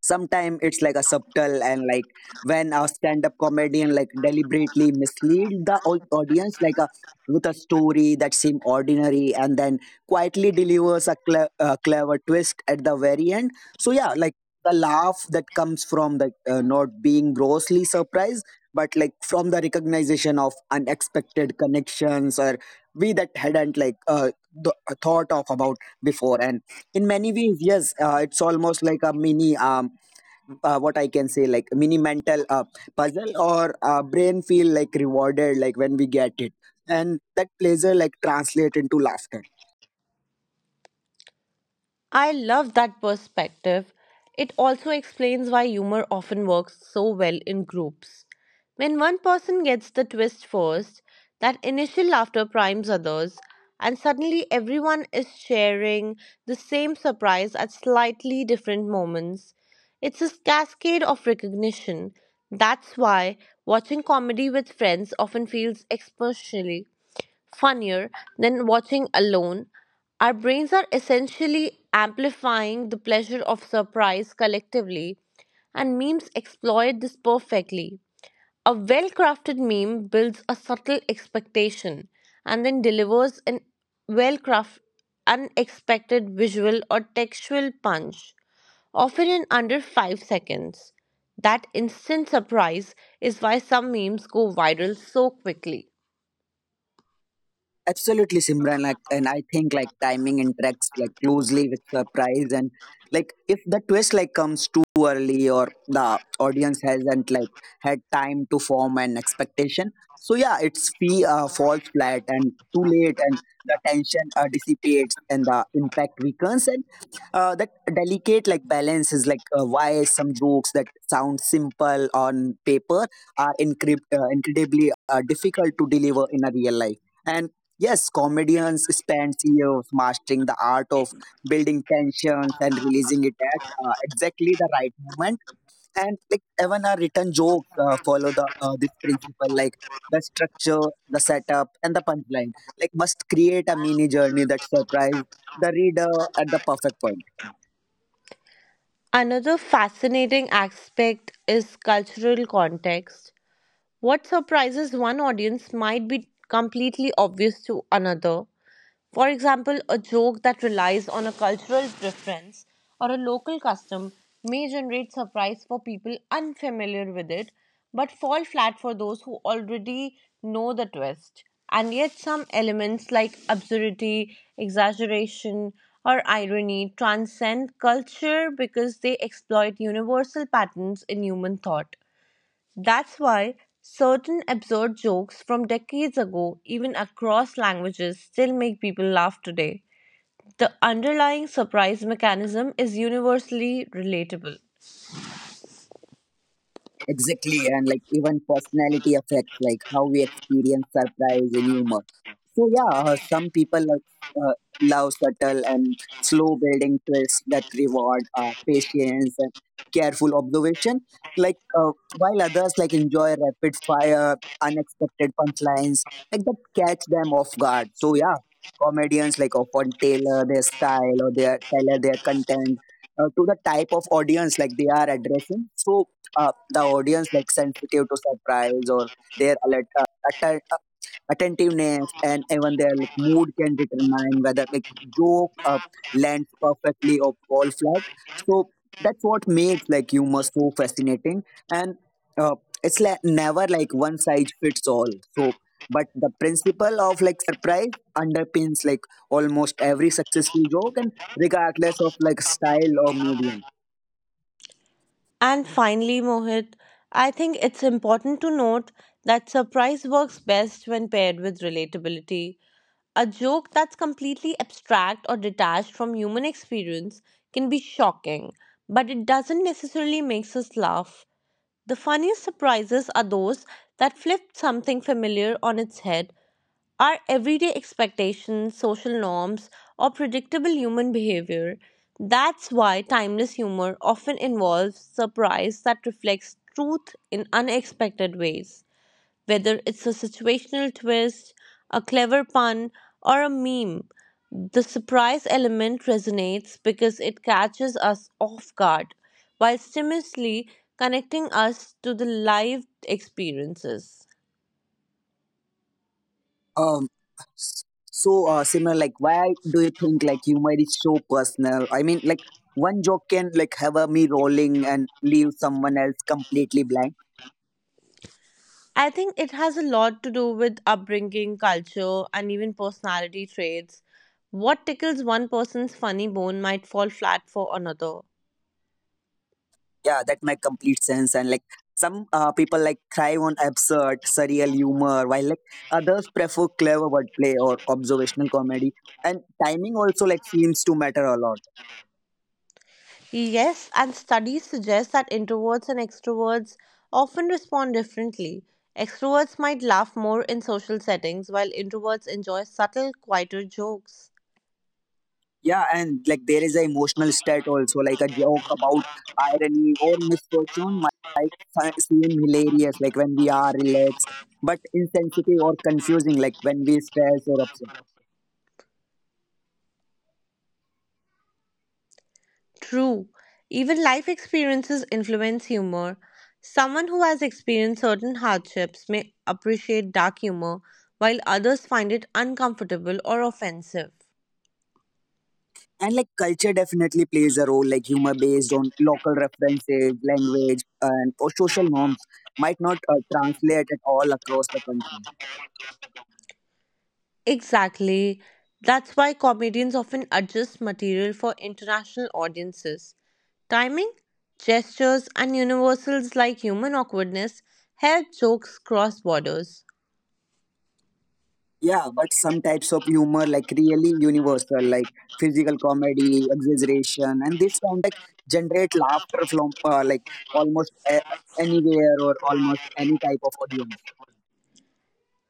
S1: Sometimes it's like a subtle, and like when a stand-up comedian like deliberately mislead the audience like a with a story that seem ordinary, and then quietly delivers a, a clever twist at the very end. So yeah, like the laugh that comes from the not being grossly surprised, but like from the recognition of unexpected connections or we that hadn't like thought of about before. And in many ways, yes, it's almost like a mini what I can say, like mini mental puzzle, or brain feel like rewarded, like when we get it, and that pleasure like translate into laughter.
S3: I love that perspective. It also explains why humor often works so well in groups. When one person gets the twist first, that initial laughter primes others, and suddenly everyone is sharing the same surprise at slightly different moments. It's a cascade of recognition. That's why watching comedy with friends often feels especially funnier than watching alone, our brains are essentially amplifying the pleasure of surprise collectively, and memes exploit this perfectly. A well crafted meme builds a subtle expectation and then delivers an well crafted, unexpected visual or textual punch, often in under 5 seconds. That instant surprise is why some memes go viral so quickly.
S1: Absolutely, Simran. Like, and I think like timing interacts like closely with surprise, and like if the twist like comes too early, or the audience hasn't like had time to form an expectation, so yeah, it's fee falls flat, and too late, and the tension dissipates and the impact weakens, and that delicate like balance is like why some jokes that sound simple on paper are incredibly difficult to deliver in a real life. And yes, comedians spend years mastering the art of building tensions and releasing it at exactly the right moment. And like even our written jokes follow the this principle, like the structure, the setup, and the punchline like must create a mini journey that surprise the reader at the perfect point.
S3: Another fascinating aspect is cultural context. What surprises one audience might be completely obvious to another. For example, a joke that relies on a cultural preference or a local custom may generate surprise for people unfamiliar with it, but fall flat for those who already know the twist. And yet, some elements like absurdity, exaggeration, or irony transcend culture because they exploit universal patterns in human thought. That's why certain absurd jokes from decades ago, even across languages, still make people laugh today. The underlying surprise mechanism is universally relatable.
S1: Exactly, and like even personality affects like how we experience surprise and humor. So yeah, some people like uh, love subtle and slow building twists that reward patience and careful observation. Like while others like enjoy rapid fire, unexpected punchlines like that catch them off guard. So yeah, comedians like often tailor their style or their tailor their content to the type of audience like they are addressing. So. Uh, the audience like sensitive to surprise or their alert, attentiveness, and even their like mood can determine whether like joke lands perfectly or fall flat. So that's what makes like humor so fascinating, and uh, it's like never like one size fits all. So but the principle of like surprise underpins like almost every successful joke, and regardless of like style or medium.
S3: And finally, Mohit, I think it's important to note that surprise works best when paired with relatability. A joke that's completely abstract or detached from human experience can be shocking, but it doesn't necessarily makes us laugh. The funniest surprises are those that flip something familiar on its head. Our everyday expectations, social norms, or predictable human behavior. That's why timeless humor often involves surprise that reflects truth in unexpected ways. Whether it's a situational twist, a clever pun, or a meme, the surprise element resonates because it catches us off guard while seamlessly connecting us to the live experiences.
S1: Um, s- Similar, like why do you think like humor is so personal? I mean, like one joke can like have a me rolling and leave someone else completely blank.
S3: I think it has a lot to do with upbringing, culture, and even personality traits. What tickles one person's funny bone might fall flat for another.
S1: Yeah, that makes complete sense. And like some people like thrive on absurd, surreal humor, while like others prefer clever wordplay or observational comedy. And timing also like seems to matter a lot.
S3: Yes, and studies suggest that introverts and extroverts often respond differently. Extroverts might laugh more in social settings, while introverts enjoy subtle, quieter jokes.
S1: Yeah, and like there is a emotional stat also, like a joke about irony or misfortune might seem hilarious, like when we are relaxed, but insensitive or confusing, like when we stress or upset.
S3: True, even life experiences influence humor. Someone who has experienced certain hardships may appreciate dark humor, while others find it uncomfortable or offensive.
S1: And like culture definitely plays a role, like humor based on local references, language, and or social norms might not translate at all across the country.
S3: Exactly. That's why comedians often adjust material for international audiences. Timing, gestures, and universals like human awkwardness help jokes cross borders.
S1: Yeah, but some types of humor like really universal, like physical comedy, exaggeration, and this tend like generate laughter from like almost anywhere or almost any type of audience.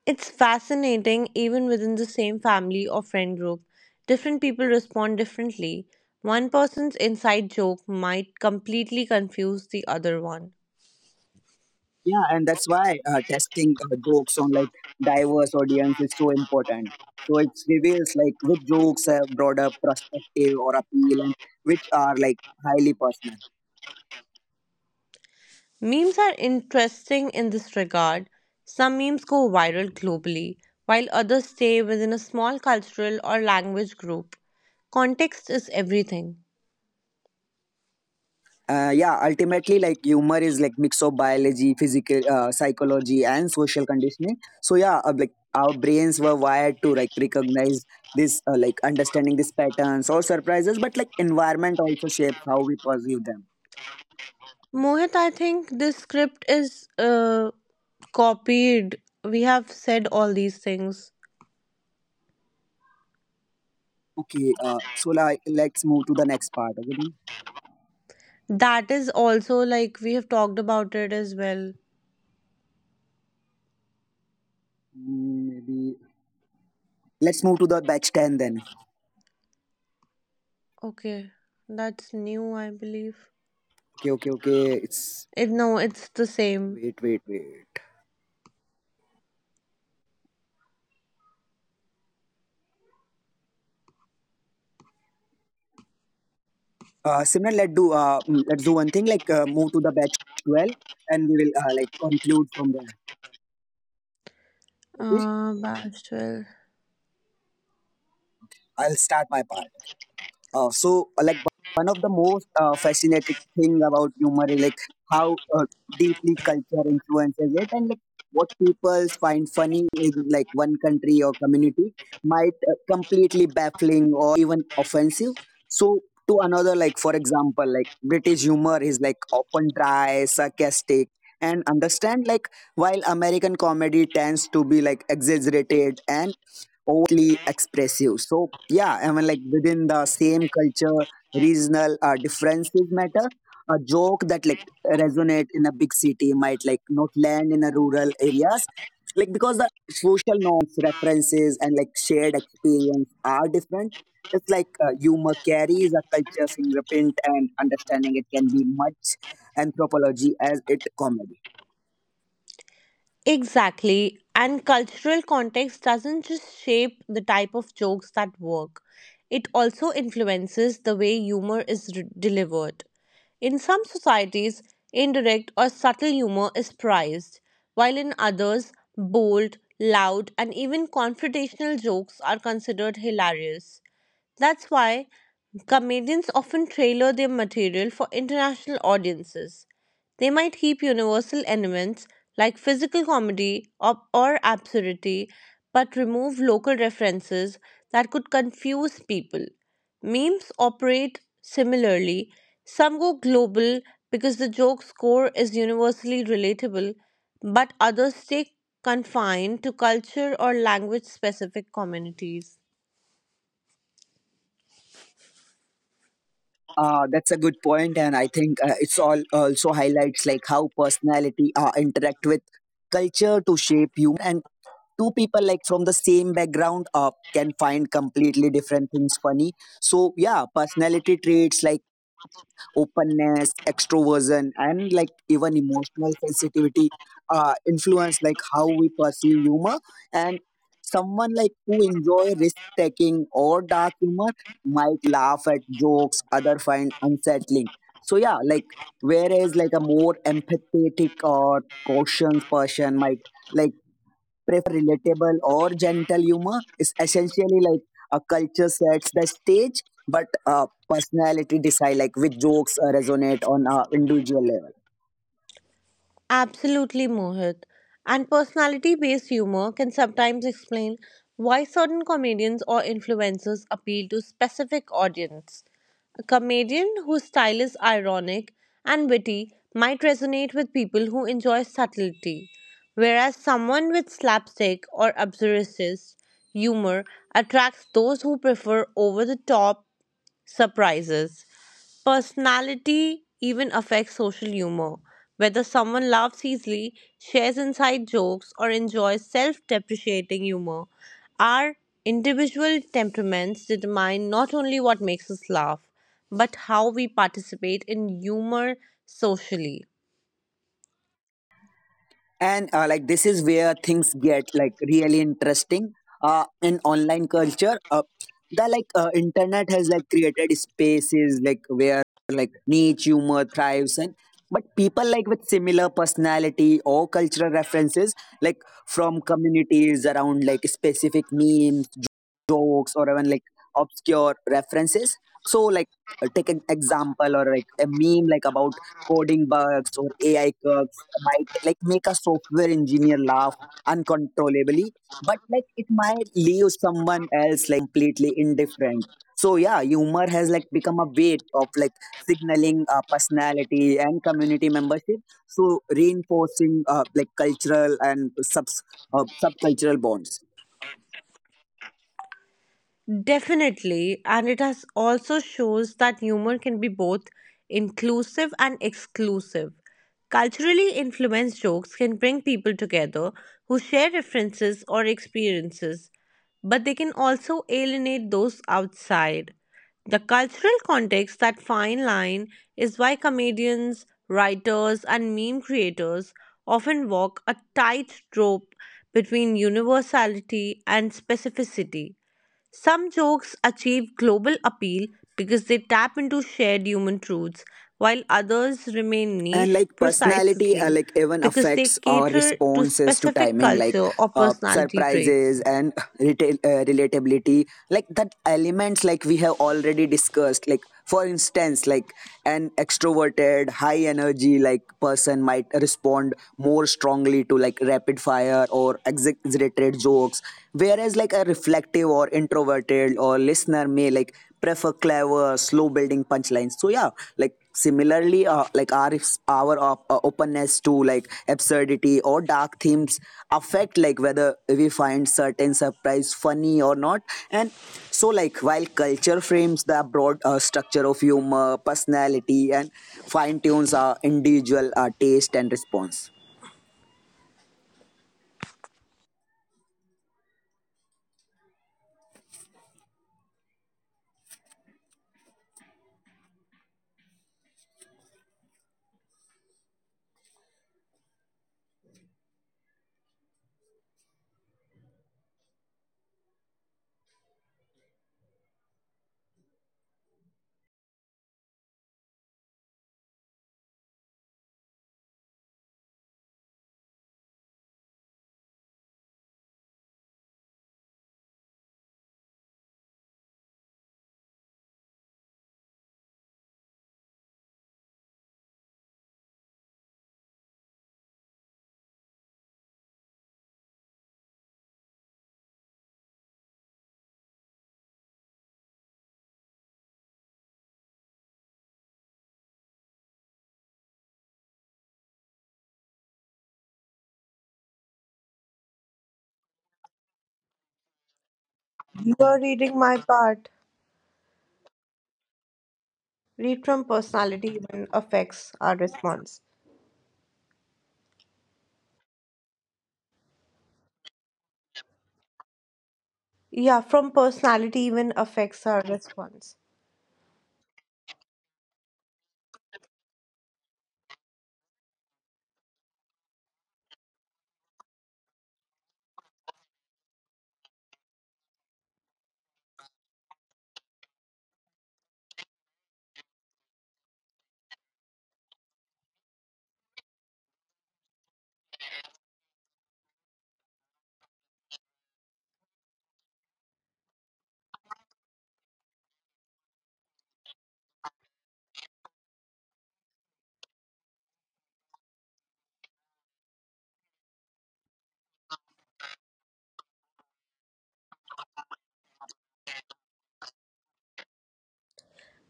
S3: It's fascinating, even within the same family or friend group, different people respond differently. One person's inside joke might completely confuse the other one.
S1: Yeah, and that's why testing jokes on like diverse audience is so important. So it reveals like which jokes have broader perspective or appeal, and which are like highly personal.
S3: Memes are interesting in this regard. Some memes go viral globally, while others stay within a small cultural or language group. Context is everything.
S1: Yeah, ultimately, like humor is like mix of biology, physical, psychology, and social conditioning. So yeah, like our brains were wired to like recognize this, like understanding these patterns or surprises. But like environment also shapes how we perceive them.
S3: Mohit, I think this script is copied. We have said all these things.
S1: Okay, so like let's move to the next part. Okay, then?
S3: That is also like we have talked about it as well.
S1: Mm, maybe let's move to the batch 10 then.
S3: Okay, that's new, I believe.
S1: Okay, okay, okay. It's
S3: It no, it's the same.
S1: wait, wait, wait. Simran, let's do let's do one thing. Like move to the batch 12 and we will like conclude from there. Okay,
S3: Bastille.
S1: I'll start my part. Like one of the most fascinating thing about humor is like how deeply culture influences it, and like what people find funny in like one country or community might completely baffling or even offensive. So, to another, like for example, like British humor is like often dry, sarcastic, and understand, like while American comedy tends to be like exaggerated and overtly expressive. So yeah, I mean like within the same culture, regional differences matter. A joke that like resonate in a big city might like not land in a rural areas, like because the social norms, references, and like shared experience are different. It's like humor carries a culture fingerprint, and understanding it can be much anthropology as it comedy.
S3: Exactly. And cultural context doesn't just shape the type of jokes that work, it also influences the way humor is delivered. In some societies, indirect or subtle humor is prized, while in others, bold, loud, and even confrontational jokes are considered hilarious. That's why comedians often tailor their material for international audiences. They might keep universal elements like physical comedy or absurdity, but remove local references that could confuse people. Memes operate similarly. Some go global because the joke's core is universally relatable, but others stay confined to culture or language specific communities.
S1: That's a good point, and I think it's all also highlights like how personality interact with culture to shape humor, and two people like from the same background can find completely different things funny. So yeah, personality traits like openness, extroversion, and like even emotional sensitivity influence like how we perceive humor, and someone like who enjoy risk taking or dark humor might laugh at jokes other find unsettling. So yeah, like whereas like a more empathetic or cautious person might like prefer relatable or gentle humor is essentially like a culture sets the stage, but personality decide like which jokes resonate on a individual level.
S3: Absolutely, Mohit. And personality based humor can sometimes explain why certain comedians or influencers appeal to specific audience. A comedian whose style is ironic and witty might resonate with people who enjoy subtlety, whereas someone with slapstick or absurdist humor attracts those who prefer over the top surprises. Personality even affects social humor. Whether someone laughs easily, shares inside jokes, or enjoys self depreciating humor, our individual temperaments determine not only what makes us laugh, but how we participate in humor socially.
S1: And like this is where things get like really interesting. In online culture, the internet has like created spaces like where like niche humor thrives, and but people like with similar personality or cultural references like from communities around like specific memes, jokes, or even like obscure references. So like take an example, or like a meme like about coding bugs or AI might like make a software engineer laugh uncontrollably, but like it might leave someone else like completely indifferent. So yeah, humor has like become a way of like signaling personality and community membership. So reinforcing like cultural and subs subcultural bonds.
S3: Definitely, and it has also shows that humor can be both inclusive and exclusive. Culturally influenced jokes can bring people together who share references or experiences, but they can also alienate those outside. The cultural context, that fine line, is why comedians, writers, and meme creators often walk a tightrope between universality and specificity. Some jokes achieve global appeal because they tap into shared human truths, while others remain
S1: And
S3: niche
S1: like personality
S3: precisely
S1: like even
S3: because they
S1: affects our
S3: cater to
S1: responses to
S3: specific
S1: timing, like
S3: culture or personality
S1: surprises
S3: traits.
S1: and relatability, like that elements like we have already discussed. Like for instance, like an extroverted, high energy like person might respond more strongly to like rapid fire or exaggerated jokes, whereas like a reflective or introverted or listener may like prefer clever slow building punchlines. So yeah, like similarly like our openness to like absurdity or dark themes affect like whether we find certain surprise funny or not. And so, like, while culture frames the broad structure of humor, personality, and fine tunes our individual taste and response,
S3: You are reading my part. Read from personality even affects our response. Yeah, from personality even affects our response.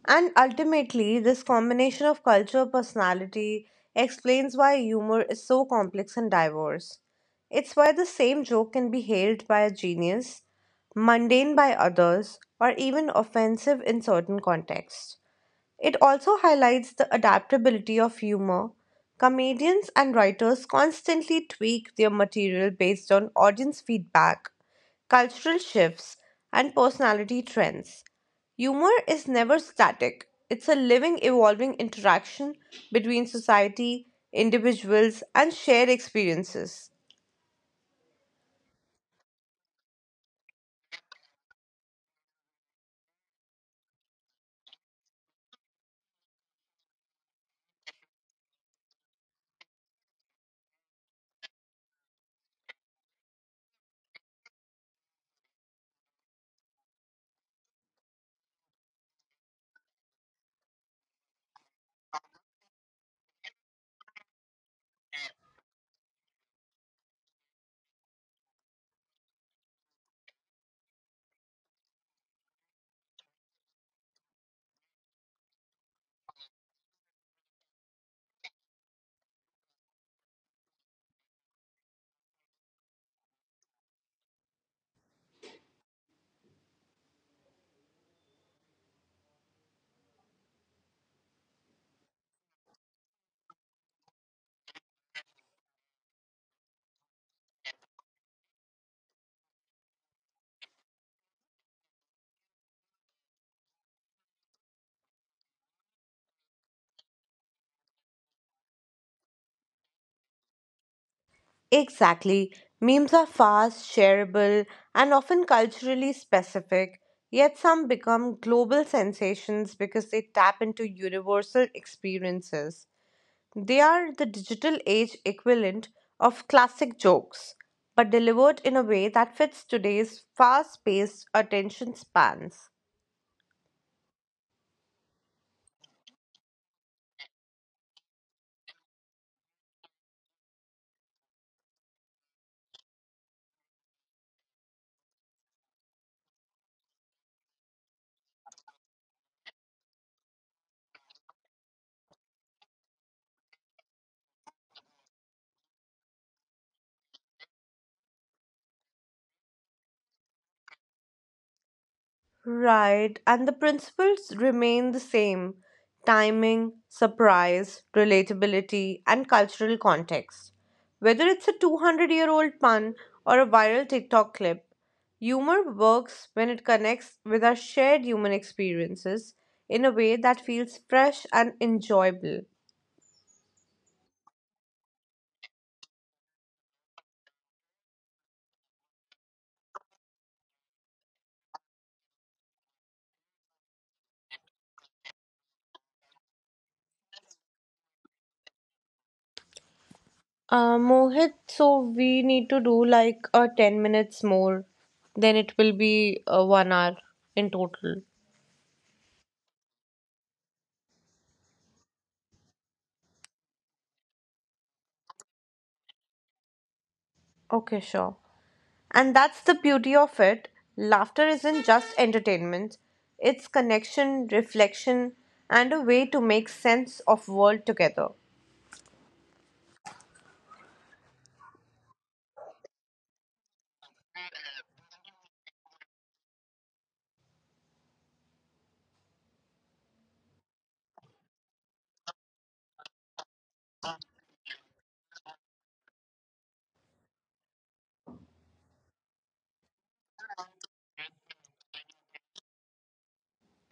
S3: And ultimately, this combination of culture, personality explains why humor is so complex and diverse. It's why the same joke can be hailed by a genius, mundane by others, or even offensive in certain contexts. It also highlights the adaptability of humor. Comedians and writers constantly tweak their material based on audience feedback, cultural shifts, and personality trends. Humor is never static, it's a living, evolving interaction between society, individuals, and shared experiences. Exactly. Memes are fast, shareable, and often culturally specific, yet some become global sensations because they tap into universal experiences. They are the digital age equivalent of classic jokes, but delivered in a way that fits today's fast paced attention spans. Right, and the principles remain the same timing, surprise, relatability, and cultural context. Whether it's a 200-year-old pun or a viral TikTok clip, humor works when it connects with our shared human experiences in a way that feels fresh and enjoyable. Mohit, so we need to do like 10 minutes more, then it will be 1 hour in total. Okay, sure. And that's the beauty of it. Laughter isn't just entertainment, it's connection, reflection, and a way to make sense of world together.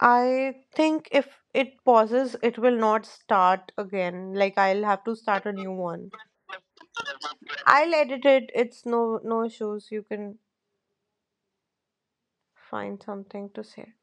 S3: I think if it pauses, it will not start again. Like I'll have to start a new one. I'll edit it. It's no no issues. You can find something to say.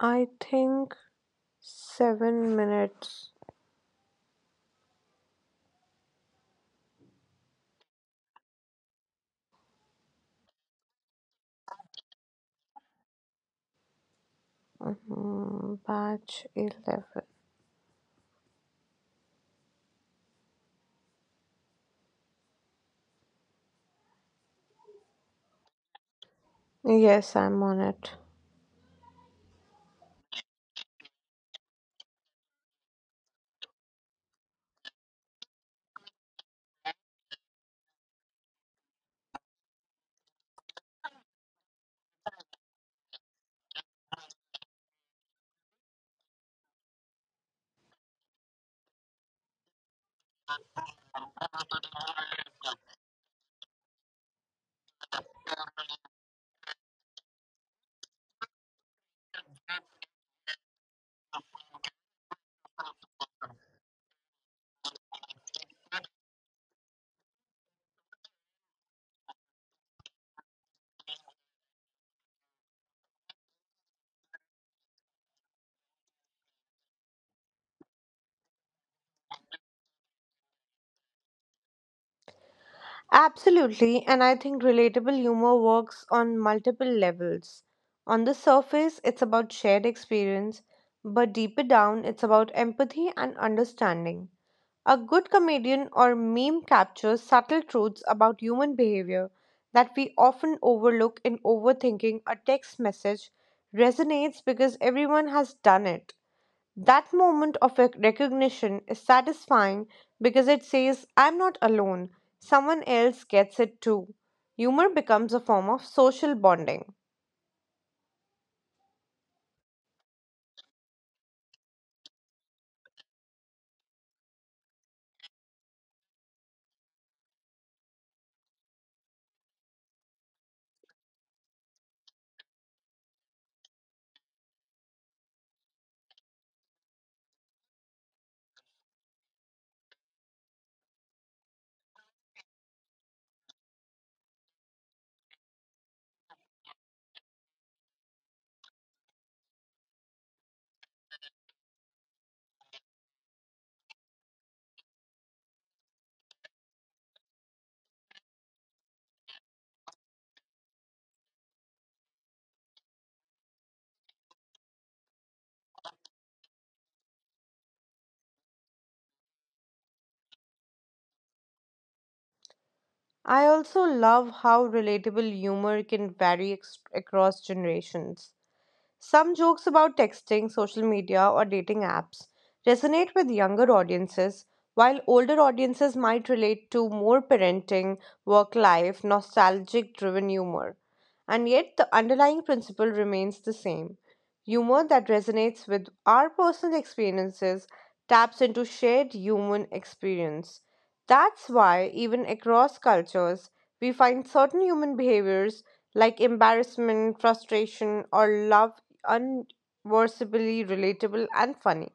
S3: I think 7 minutes. Mhm, Batch 11. Yes, I'm on it. Absolutely, and I think relatable humor works on multiple levels. On the surface, it's about shared experience, but deeper down, it's about empathy and understanding. A good comedian or meme captures subtle truths about human behavior that we often overlook in overthinking. A text message resonates because everyone has done it. That moment of recognition is satisfying because it says, I'm not alone, someone else gets it too. Humor becomes a form of social bonding. I also love how relatable humor can vary across generations. Some jokes about texting, social media, or dating apps resonate with younger audiences, while older audiences might relate to more parenting, work life, nostalgic driven humor. And yet, the underlying principle remains the same humor that resonates with our personal experiences taps into shared human experience. That's why, even across cultures, we find certain human behaviors like embarrassment, frustration, or love unversably relatable and funny.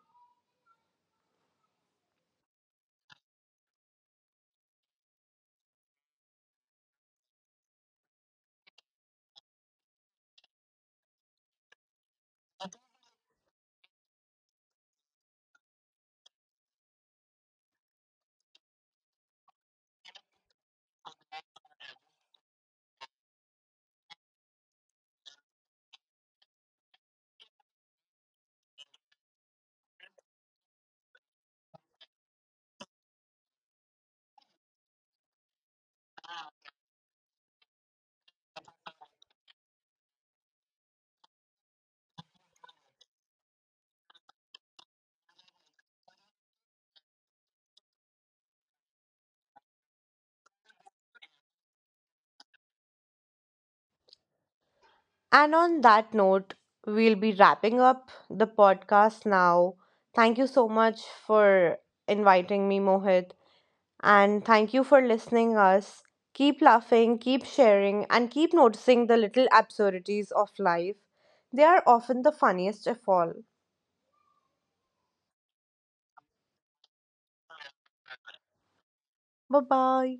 S3: And on that note, we'll be wrapping up the podcast now. Thank you so much for inviting me, Mohit. And thank you for listening us. Keep laughing, keep sharing, and keep noticing the little absurdities of life. They are often the funniest of all. Bye bye.